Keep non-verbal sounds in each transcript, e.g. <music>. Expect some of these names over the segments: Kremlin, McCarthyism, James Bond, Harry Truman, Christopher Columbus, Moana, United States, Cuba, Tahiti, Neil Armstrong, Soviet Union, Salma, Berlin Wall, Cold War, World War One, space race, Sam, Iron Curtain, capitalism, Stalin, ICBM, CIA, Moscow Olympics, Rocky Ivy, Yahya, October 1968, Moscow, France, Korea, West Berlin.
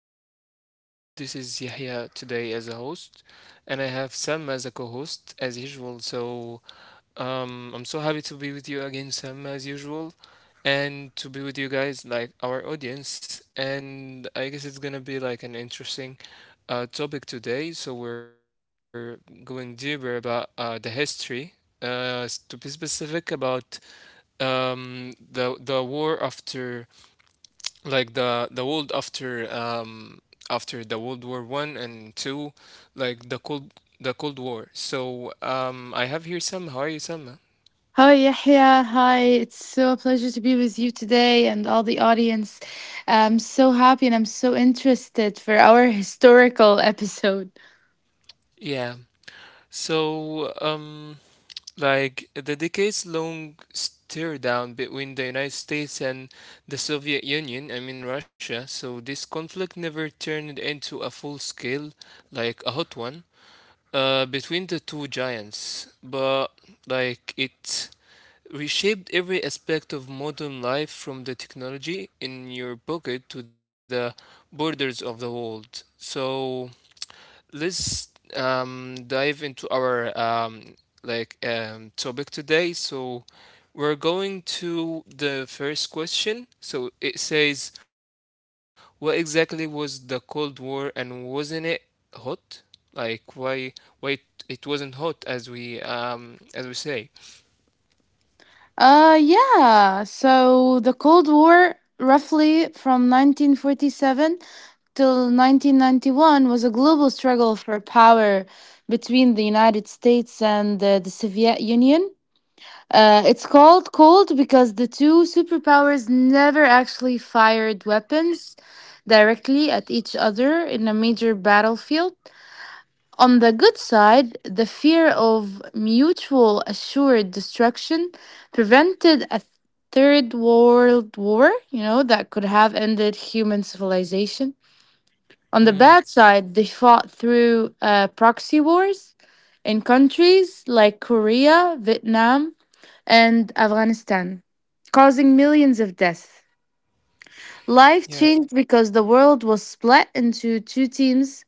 to another episode. This is Yahya today as a host, and I have Sam as a co host as usual. So I'm so happy to be with you again, Sam, as usual, and to be with you guys, like our audience. And I guess it's gonna be like an interesting topic today. So we're going deeper about the history, to be specific about the war after like the world after after the World War I and two, like the Cold War. So I have here Sam. How are you, Sam? Hi, Yahya. Hi. It's a pleasure to be with you today and all the audience. I'm so happy and I'm so interested for our <laughs> historical episode. Yeah. So like the decades long stir down between the United States and the Soviet Union, I mean Russia. So this conflict never turned into a full scale, like a hot one, between the two giants. But like it reshaped every aspect of modern life from the technology in your pocket to the borders of the world. So let's dive into our like topic today. So we're going to the first question. So it says, what exactly was the Cold War and wasn't it hot? Like why why it it wasn't hot as we say. Yeah. So the Cold War, roughly from 1947 till 1991, was a global struggle for power between the United States and the Soviet Union. It's called Cold because the two superpowers never actually fired weapons directly at each other in a major battlefield. On the good side, the fear of mutual assured destruction prevented a third world war, you know, that could have ended human civilization. On the bad side, Hmm. they fought through proxy wars in countries like Korea, Vietnam, and Afghanistan, causing millions of deaths. Life changed because the Yeah. world was split into two teams,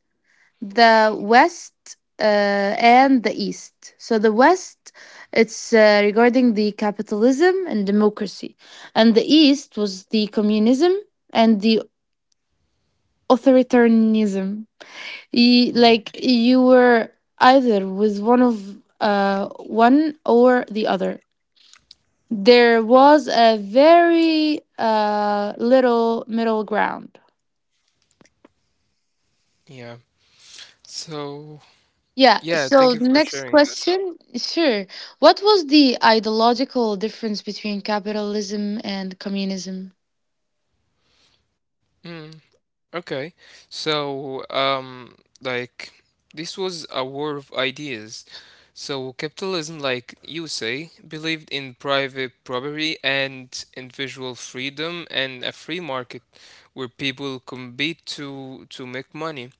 the West, and the East. So, the West, it's regarding the capitalism and democracy, and the East was the communism and the authoritarianism. You Hmm. were either with one of one or the other. There was a very little middle ground. Yeah. So, Yeah, so the yeah, thank you next for sharing question, this. sure. What was the ideological difference between capitalism and communism? Mm, okay. So, like, this was a war of ideas. So, capitalism, like you say, believed in private property and individual freedom and a free market where people compete to make money.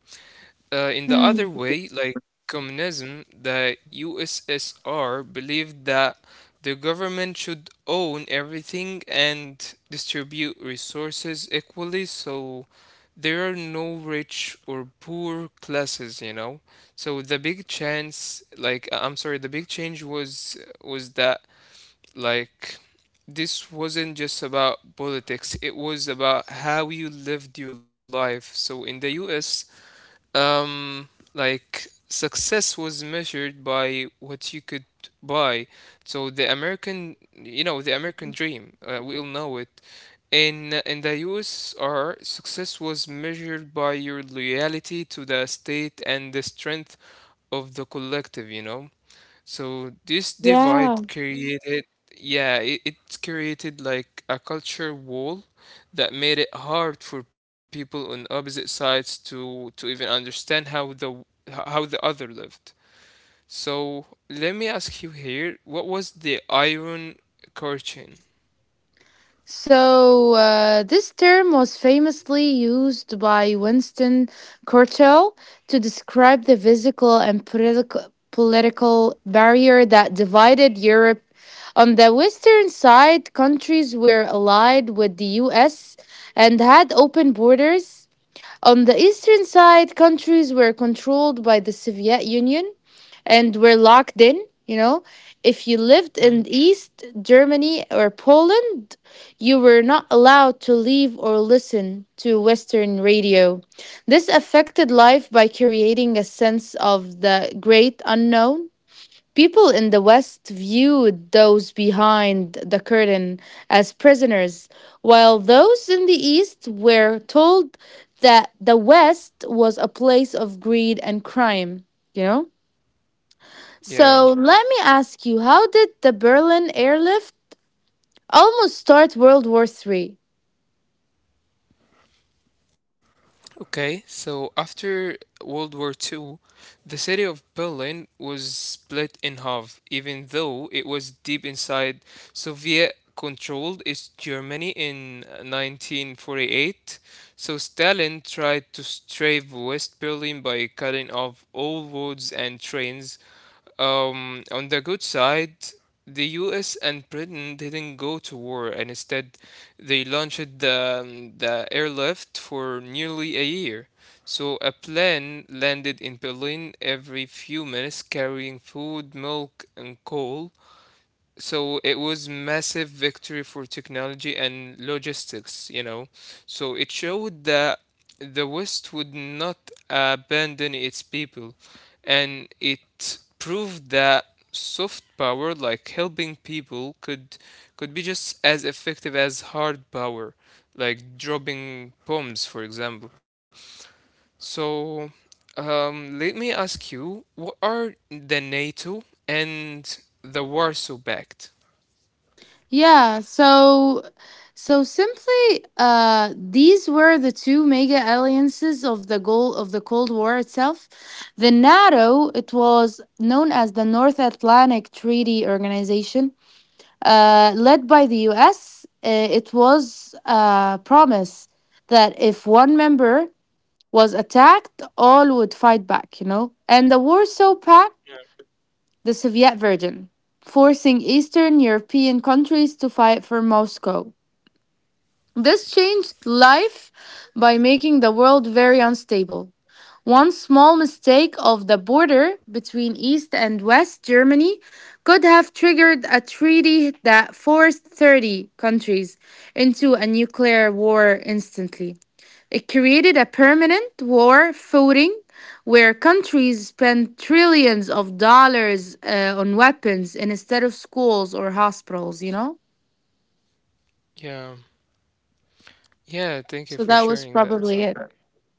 In the Mm, other way, like communism, the USSR believed that the government should own everything and distribute resources equally, so there are no rich or poor classes. So the big chance, like I'm sorry, the big change was that like this wasn't just about politics, it was about how you lived your life. So in the US, um, like success was measured by what you could buy. So the American dream, we all know it. In the U.S.R, success was measured by your loyalty to the state and the strength of the collective. So this yeah. divide created, yeah, it created like a culture wall that made it hard for people on opposite sides to even understand how the other lived. So let me ask you here, what was the Iron Curtain? So, this term was famously used by Winston Churchill to describe the physical and political barrier that divided Europe. On the western side, countries were allied with the US and had open borders. On the eastern side, countries were controlled by the Soviet Union and were locked in. You know, if you lived in Hmm. East Germany or Poland, you were not allowed to leave or listen to Western radio. This affected life by creating a sense of the great unknown. People in the West viewed those behind the curtain as prisoners, while those in the East were told that the West was a place of greed and crime, you know? So Yeah. let me ask you, how did the Berlin airlift almost start World War III? Okay, so after World War II, the city of Berlin was split in half, even though it was deep inside Soviet controlled East Germany in 1948. So Stalin tried to save West Berlin by cutting off all roads and trains, on the good side, the US and Britain didn't go to war, and instead, they launched the airlift for nearly a year. So, a plane landed in Berlin every few minutes carrying food, milk, and coal. So it was massive victory for technology and logistics. So it showed that the West would not abandon its people, and it proved that soft power, like helping people, could be just as effective as hard power, like dropping bombs, for example. So, let me ask you, what are the NATO and the Warsaw Pact? Yeah, so so simply these were the two mega alliances of the goal of the Cold War itself. The NATO, it was known as the North Atlantic Treaty Organization, led by the US. It was a promise that if one member was attacked, all would fight back, you know. And the Warsaw Pact, the Soviet version, forcing Eastern European countries to fight for Moscow. This changed life by making the world very unstable. One small mistake of the border between East and West Germany could have triggered a treaty that forced 30 countries into a nuclear war instantly. It created a permanent war footing where countries spend trillions of dollars on weapons instead of schools or hospitals, you know? Yeah. Yeah, thank you So for that was sharing that, probably Sam. it.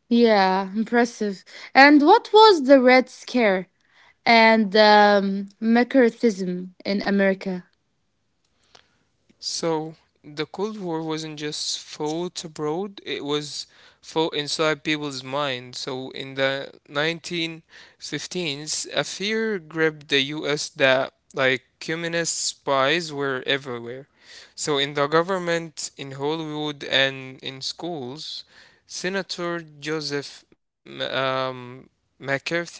Yeah, impressive. And what was the Red Scare and McCarthyism in America? So, the Cold War wasn't just fought abroad, it was fought inside people's minds. So, in the 1915s, a fear gripped the US that like communist spies were everywhere. So, in the government, in Hollywood, and in schools, Senator Joseph McCarthy.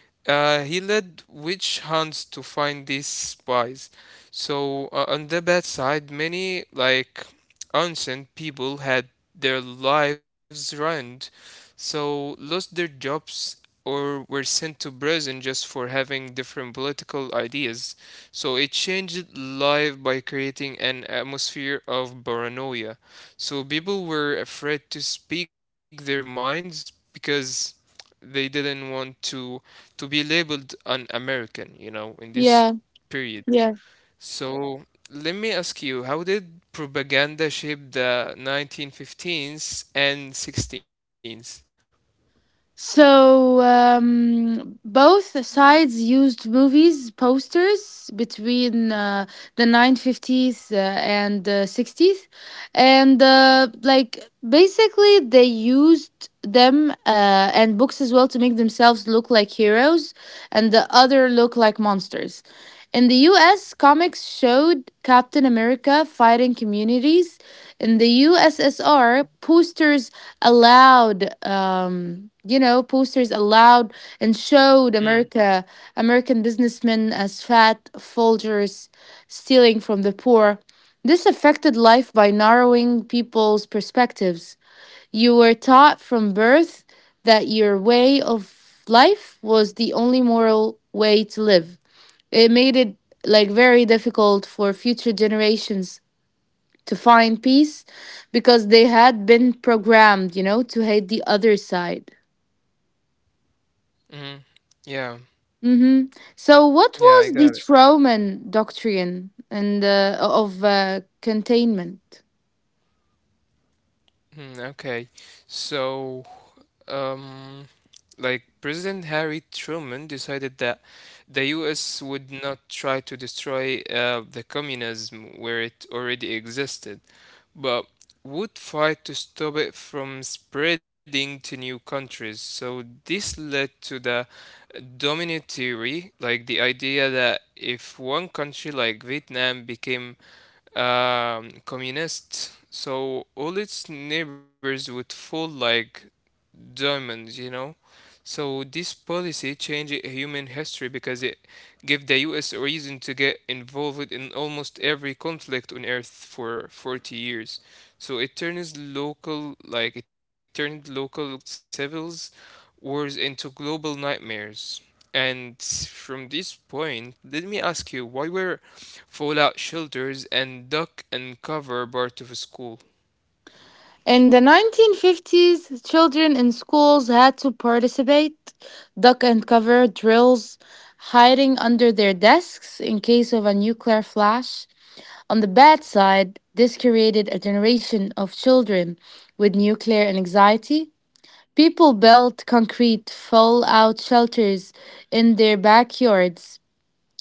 He led witch hunts to find these spies. So, on the bad side, many like innocent people had their lives ruined, so lost their jobs or were sent to prison just for having different political ideas. So it changed life by creating an atmosphere of paranoia. So people were afraid to speak their minds because they didn't want to be labeled an American, in this Yeah, period. yeah. So let me ask you, how did propaganda shape the 1915s and 16s? So both the sides used movies posters between 1950s and 60s, and basically they used them and books as well to make themselves look like heroes, and the other look like monsters. In the U.S., comics showed Captain America fighting communities. In the USSR, posters allowed and showed Mm, america american businessmen as fat folgers stealing from the poor. This affected life by narrowing people's perspectives. You were taught from birth that your way of life was the only moral way to live. It made it like very difficult for future generations to find peace because they had been programmed, you know, to hate the other side. mm, yeah, Mm-hmm. So, what yeah, I was got the it. Truman Doctrine and of containment? Hmm, okay. So, um, like President Harry Truman decided that the US would not try to destroy the communism where it already existed, but would fight to stop it from spreading to new countries. So this led to the domino theory, like the idea that if one country like Vietnam became communist, so all its neighbors would fall like diamonds. So this policy changed human history because it gave the U.S. reason to get involved in almost every conflict on Earth for 40 years. So it turns local, like it turned local civils wars into global nightmares. And from this point, let me ask you, why were fallout shelters and duck and cover part of a school? In the 1950s, children in schools had to participate duck and cover drills, hiding under their desks in case of a nuclear flash. On the bad side, this created a generation of children with nuclear anxiety. People built concrete fallout shelters in their backyards,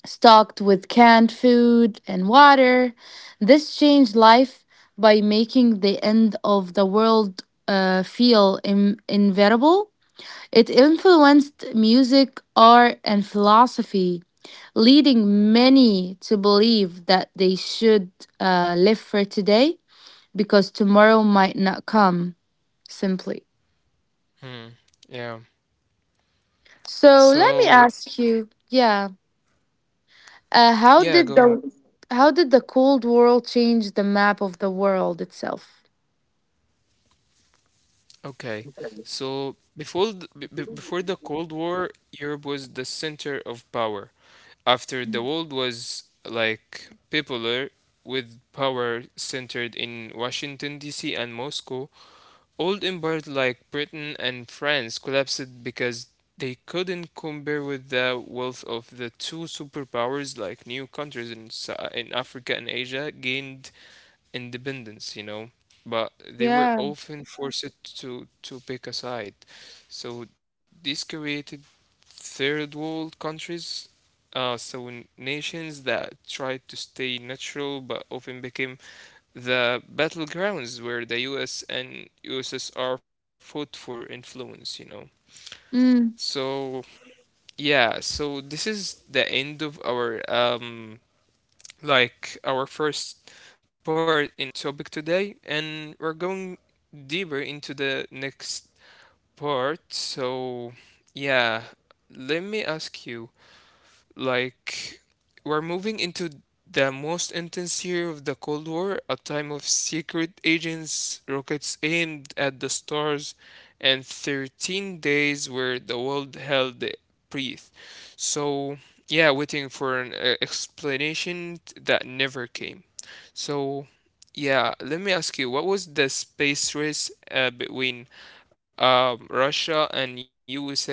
stocked with canned food and water. This changed life by making the end of the world feel inevitable. It influenced music, art, and philosophy, leading many to believe that they should live for today because tomorrow might not come simply. Yeah. So let me So, ask you, yeah, uh, how yeah, go did the ahead. how did the Cold War change the map of the world itself? Okay. So, before the Cold War, Europe was the center of power. After, the world was like popular, with power centered in Washington DC and Moscow. Old empires like Britain and France collapsed because they couldn't compare with the wealth of the two superpowers, like new countries in Africa and Asia gained independence. But they were Yeah. often forced to pick a side. So this created third world countries, so nations that tried to stay neutral but often became the battlegrounds where the US and USSR fought for influence. Mm, So, yeah, so this is the end of our like our first part in our topic today, and we're going deeper into the next part. So, yeah, let me ask you. Like, we're moving into the most intense year of the Cold War, a time of secret agents, rockets aimed at the stars, and 13 days where the world held their breath. So, yeah, waiting for an explanation that never came. So, yeah, let me ask you, what was the space race between Russia and USA?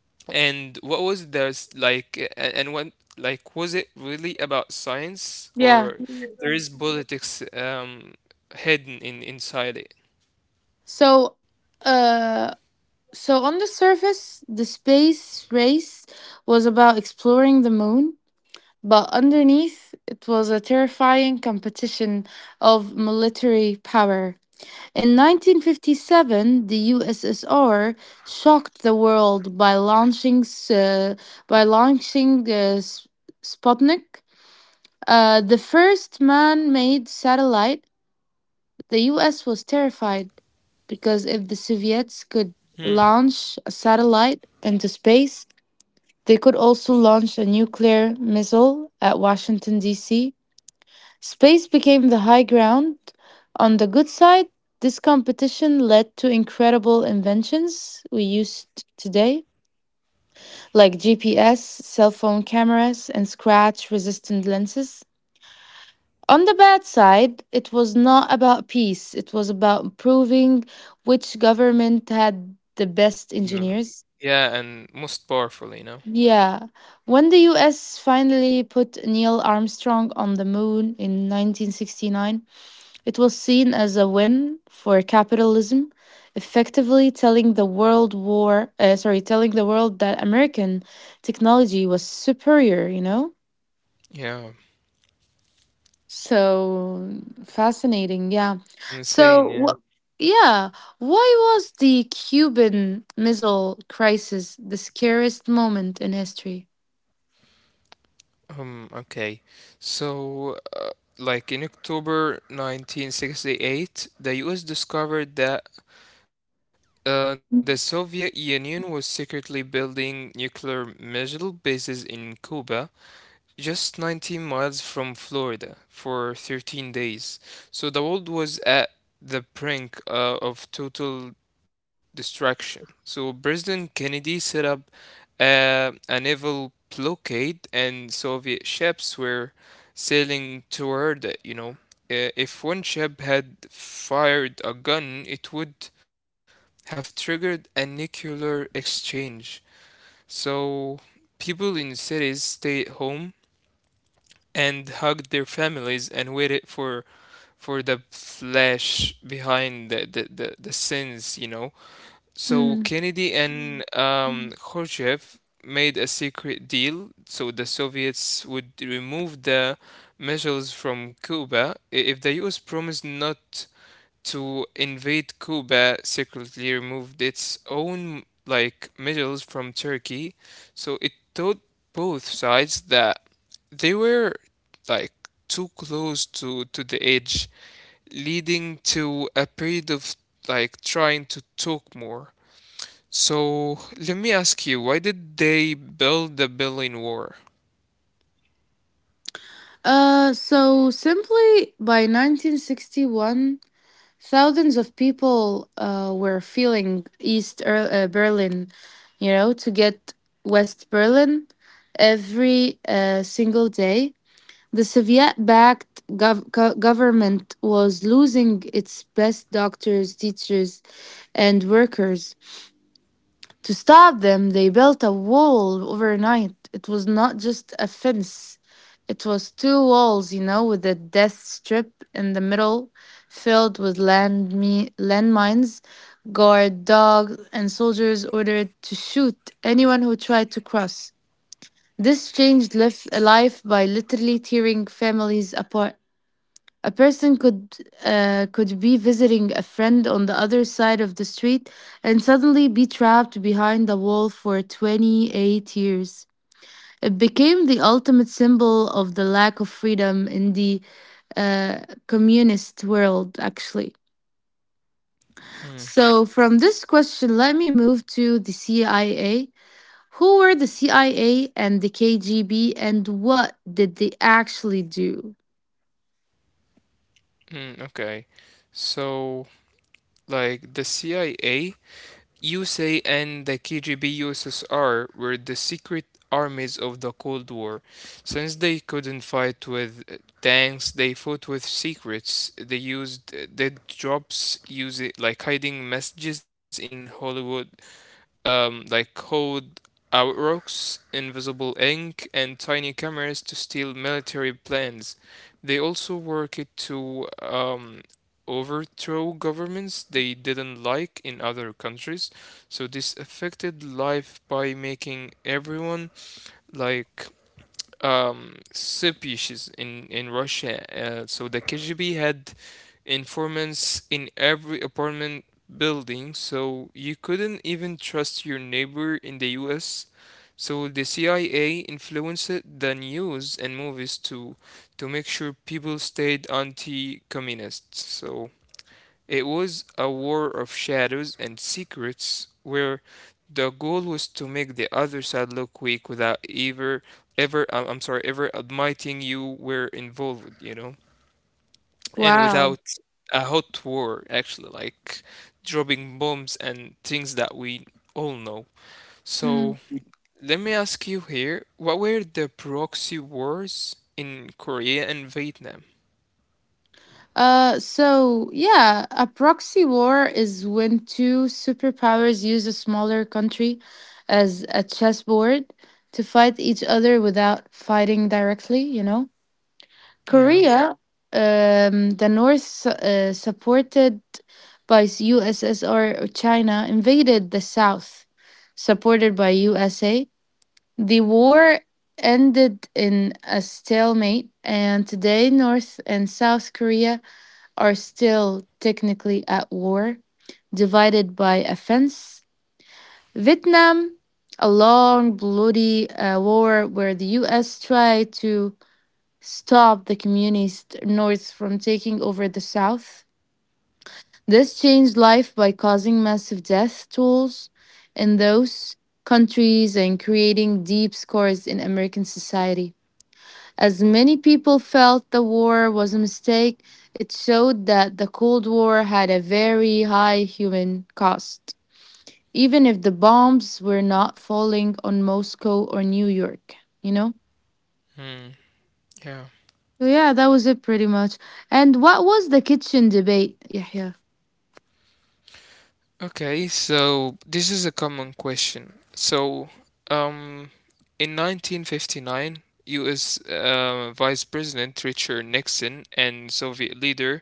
And what was the like a- and what, like, was it really about science, yeah. or there is politics hidden in inside it? So, uh, so on the surface, the space race was about exploring the moon, but underneath, it was a terrifying competition of military power. In 1957, the USSR shocked the world by launching, uh, by launching uh, S- Sputnik, the first man-made satellite. The US was terrified because if the Hmm. Soviets could launch a satellite into space, they could also launch a nuclear missile at Washington D.C. Space became the high ground. On the good side, this competition led to incredible inventions we use today, like GPS, cell phone cameras, and scratch resistant lenses. On the bad side, it was not about peace, it was about proving which government had the best No. engineers. Yeah, and most powerful. Yeah. When the US finally put Neil Armstrong on the moon in 1969, it was seen as a win for capitalism, effectively telling the world that American technology was superior, you know? Yeah, So fascinating, yeah. So insane, what yeah. yeah, why was the Cuban Missile Crisis the scariest moment in history? Okay. So, like in October 1968, the US discovered that the Soviet Union was secretly building nuclear missile bases in Cuba just 19 miles from Florida for 13 days. So the world was at the brink of total destruction. So President Kennedy set up a naval blockade, and Soviet ships were sailing toward it. If one ship had fired a gun, it would have triggered a nuclear exchange. So people in cities stay at home and hugged their families and waited for the flesh behind the sins . So Hmm. Kennedy and Khrushchev made a secret deal. So the Soviets would remove the missiles from Cuba if the US promised not to invade Cuba, secretly removed its own like medals from Turkey. So it taught both sides that they were like too close to the edge, leading to a period of like trying to talk more. So let me ask you, why did they build the Berlin Wall? So simply by 1961, thousands of people were feeling East Berlin, you know, to get West Berlin every single day. The Soviet backed government was losing its best doctors, teachers, and workers. To stop them, they built a wall overnight. It was not just a fence, it was two walls, you know, with a death strip in the middle filled with landmines. Guard dogs and soldiers ordered to shoot anyone who tried to cross. This changed life by literally tearing families apart. A person could could be visiting a friend on the other side of the street and suddenly be trapped behind a wall for 28 years. It became the ultimate symbol of the lack of freedom in the uh, communist world, actually. Hmm. So, from this question, let me move to the CIA. Who were the CIA and the KGB, and what did they actually do? Mm, okay. So, like the CIA USA and the KGB USSR were the secret armies of the Cold War. Since they couldn't fight with tanks, they fought with secrets. They used dead drops, using like hiding messages in Hollywood, like code outrocks, invisible ink, and tiny cameras to steal military plans. They also work it to overthrow governments they didn't like in other countries. So this affected life by making everyone like subishes in Russia. So the KGB had informants in every apartment building, so you couldn't even trust your neighbor in the U.S. So the CIA influenced the news and movies to make sure people stayed anti-communist. So it was a war of shadows and secrets where the goal was to make the other side look weak without ever, I'm sorry, ever admitting you were involved. And Wow. without a hot war, actually, like dropping bombs and things that we all know. So let me ask you here, what were the proxy wars in Korea and Vietnam? So yeah, a proxy war is when two superpowers use a smaller country as a chessboard to fight each other without fighting directly, you know? Yeah. Korea, yeah, the North, supported by USSR or China, invaded the South, supported by USA. The war ended in a stalemate, and today North and South Korea are still technically at war, divided by a fence. Vietnam, a long, bloody war where the US tried to stop the communist North from taking over the South. This changed life by causing massive death tolls in those countries and creating deep scars in American society. As many people felt the war was a mistake, it showed that the Cold War had a very high human cost, even if the bombs were not falling on Moscow or New York, you know? Hmm. Yeah. So, yeah, that was it pretty much. And what was the kitchen debate, Yahya? Okay, so this is a common question. So, um, in 1959, U.S. Vice President Richard Nixon and Soviet leader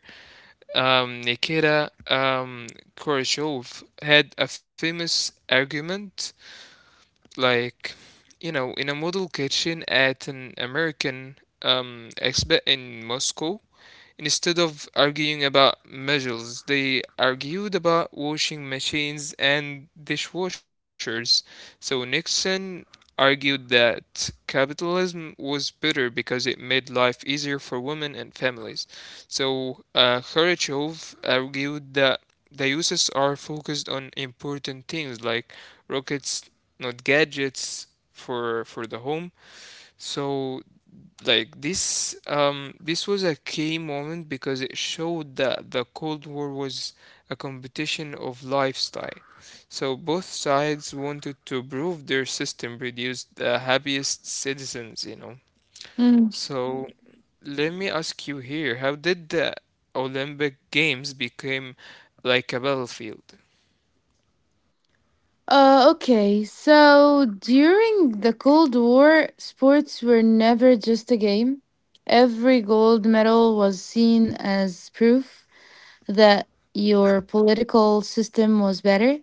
Nikita Khrushchev had a famous argument, like, in a model kitchen at an American exhibit in Moscow. Instead of arguing about measures, they argued about washing machines and dishwashers. So Nixon argued that capitalism was better because it made life easier for women and families. So Khrushchev argued that the uses are focused on important things like rockets, not gadgets for the home. So this was a key moment because it showed that the Cold War was a competition of lifestyle. So both sides wanted to prove their system produced the happiest citizens. Mm. So let me ask you here, how did the Olympic Games became like a battlefield? Okay, so during the Cold War, sports were never just a game. Every gold medal was seen as proof that your political system was better.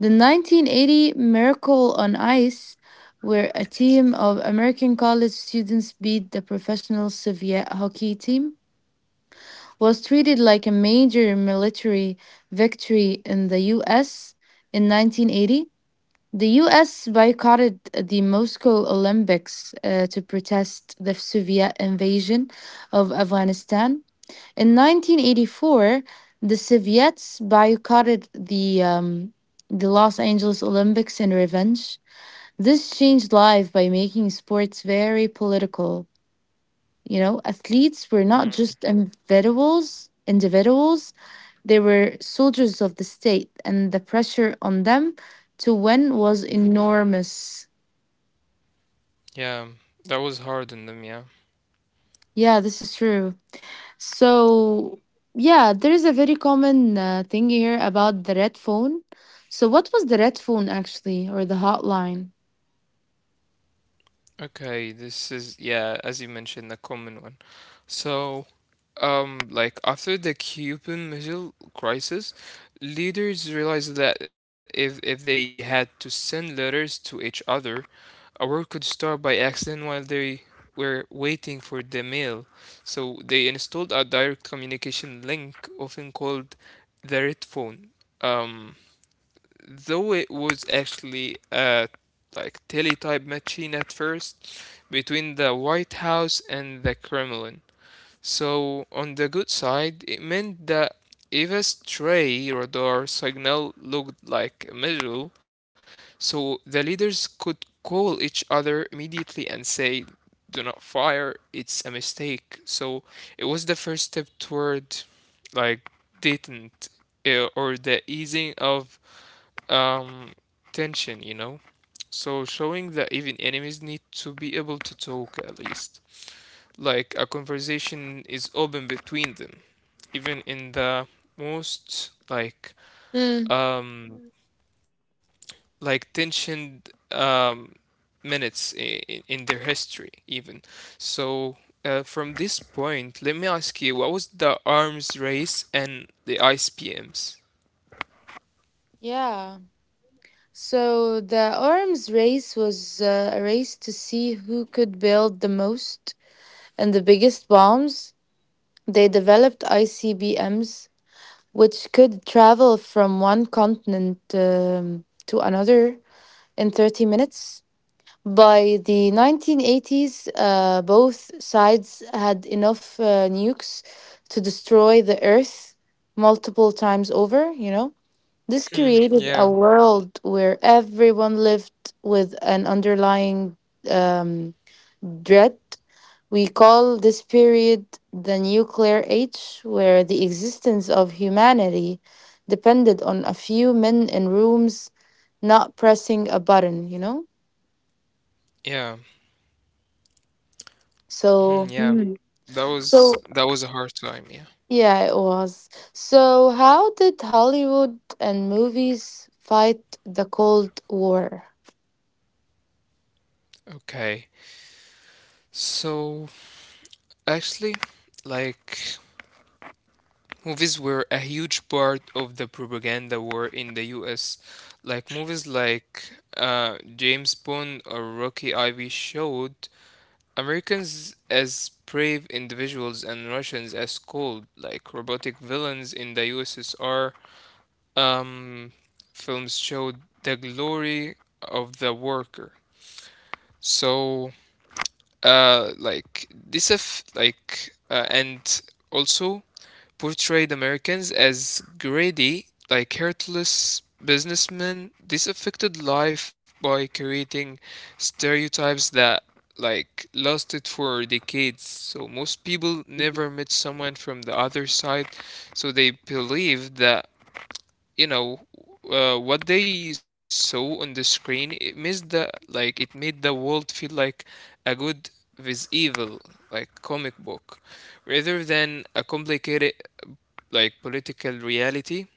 The 1980 Miracle on Ice, where a team of American college students beat the professional Soviet hockey team, was treated like a major military victory in the US in 1980. The US boycotted the Moscow Olympics to protest the Soviet invasion of Afghanistan. In 1984, the Soviets boycotted the Los Angeles Olympics in revenge. This changed life by making sports very political. You know, athletes were not Mm, just individuals; individuals, they were soldiers of the state, and the pressure on them to win was enormous. yeah, that was hard on them, yeah. Yeah, this is true. So, yeah, there is a very common thing here about the red phone. So, what was the red phone actually, or the hotline? Okay, this is, yeah, as you mentioned, the common one. So, like after the Cuban Missile Crisis, leaders realized that if they had to send letters to each other, a war could start by accident while they were waiting for the mail. So they installed a direct communication link, often called the red phone. Um, though it was actually a like teletype machine at first between the White House and the Kremlin. So on the good side, it meant that if a stray radar signal looked like a missile, so the leaders could call each other immediately and say, "Do not fire. It's a mistake." So it was the first step toward like detent, or the easing of um tension. So showing that even enemies need to be able to talk, at least like a conversation is open between them, even in the most Mm. um like tensioned minutes in their history even. So from this point, let me ask you, what was the arms race and the ICPMs? Yeah. So the arms race was a race to see who could build the most and the biggest bombs. They developed ICBMs, which could travel from one continent to another in 30 minutes. By the 1980s, both sides had enough nukes to destroy the Earth multiple times over, you know? This Hmm, created yeah, a world where everyone lived with an underlying um, dread. We call this period the nuclear age, where the existence of humanity depended on a few men in rooms not pressing a button, you know? yeah. Hmm. So. Yeah, that was So, that was a hard time. Yeah. yeah, it was. So, how did Hollywood and movies fight the Cold War? Okay. So actually, like movies were a huge part of the propaganda war in the U.S. Like movies like James Bond or Rocky Ivy showed Americans as brave individuals and Russians as cold, like robotic villains. In the USSR, Um, films showed the glory of the worker. So like this, if like, and also portrayed Americans as greedy, like heartless businessmen. This affected life by creating stereotypes that like lasted for decades. So most people never met someone from the other side, so they believed that you know what they saw on the screen, it made the like it made the world feel like a good with evil, like comic book, rather than a complicated like political reality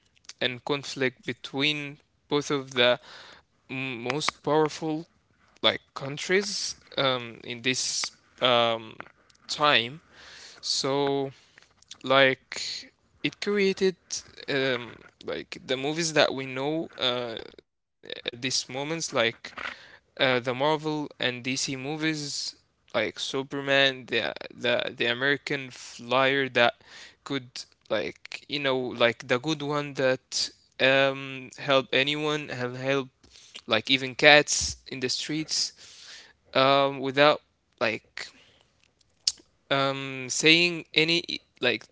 and conflict between both of the most powerful like countries in this um, time. So like it created um, like the movies that we know, at these moments, like the Marvel and DC movies, like Superman, the American flyer that could like, you know, like the good one that help anyone and help like even cats in the streets, without like saying any like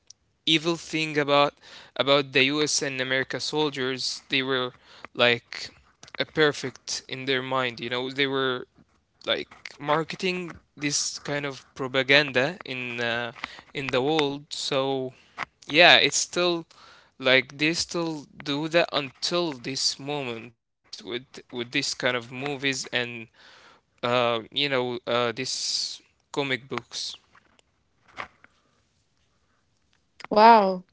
evil thing about the U.S. and America soldiers. They were like a perfect in their mind. You know, they were like marketing this kind of propaganda in the world. So yeah, it's still like they still do that until this moment with this kind of movies and you know, this comic books. Wow.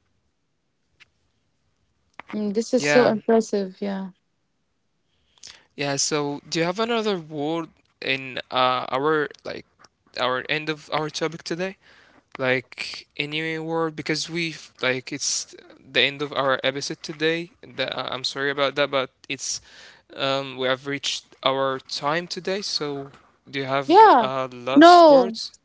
Mm, this is so Yeah. impressive. Yeah. Yeah, so do you have another word in our like our end of our topic today? Like any word, because we've like it's the end of our episode today. That I'm sorry about that, but it's we have reached our time today. So do you have Yeah. Last No, words?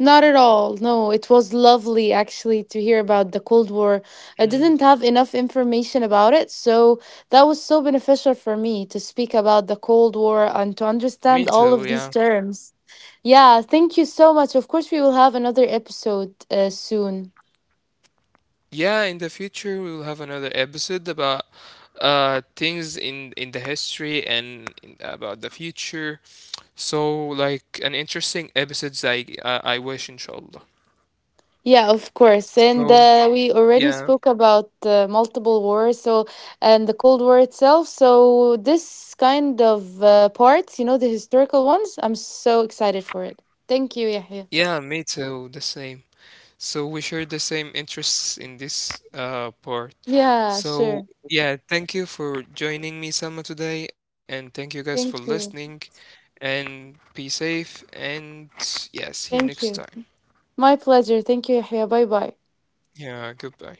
not at all. No, it was lovely actually to hear about the Cold War. I Mhm. didn't have enough information about it, so that was so beneficial for me to speak about the Cold War and to Me understand all too. of these Yeah. terms. Yeah, thank you so much. Of course, we will have another episode soon. Yeah, in the future we will have another episode about things in the history and about the future. So like an interesting episodes I wish inshallah. Yeah, of course. And So we already yeah. spoke about multiple wars, so and the Cold War itself. So this kind of parts, you know, the historical ones, I'm so excited for it. Thank you, Yahya. Yeah, me too, the same. So we share the same interests in this part. Yeah, So sure. yeah, thank you for joining me, Salma, today, and thank you guys for Thank listening, you. and be safe, and yeah, see you next Thank time. you. My pleasure. Thank you, Yahya. Bye bye. Yeah, goodbye.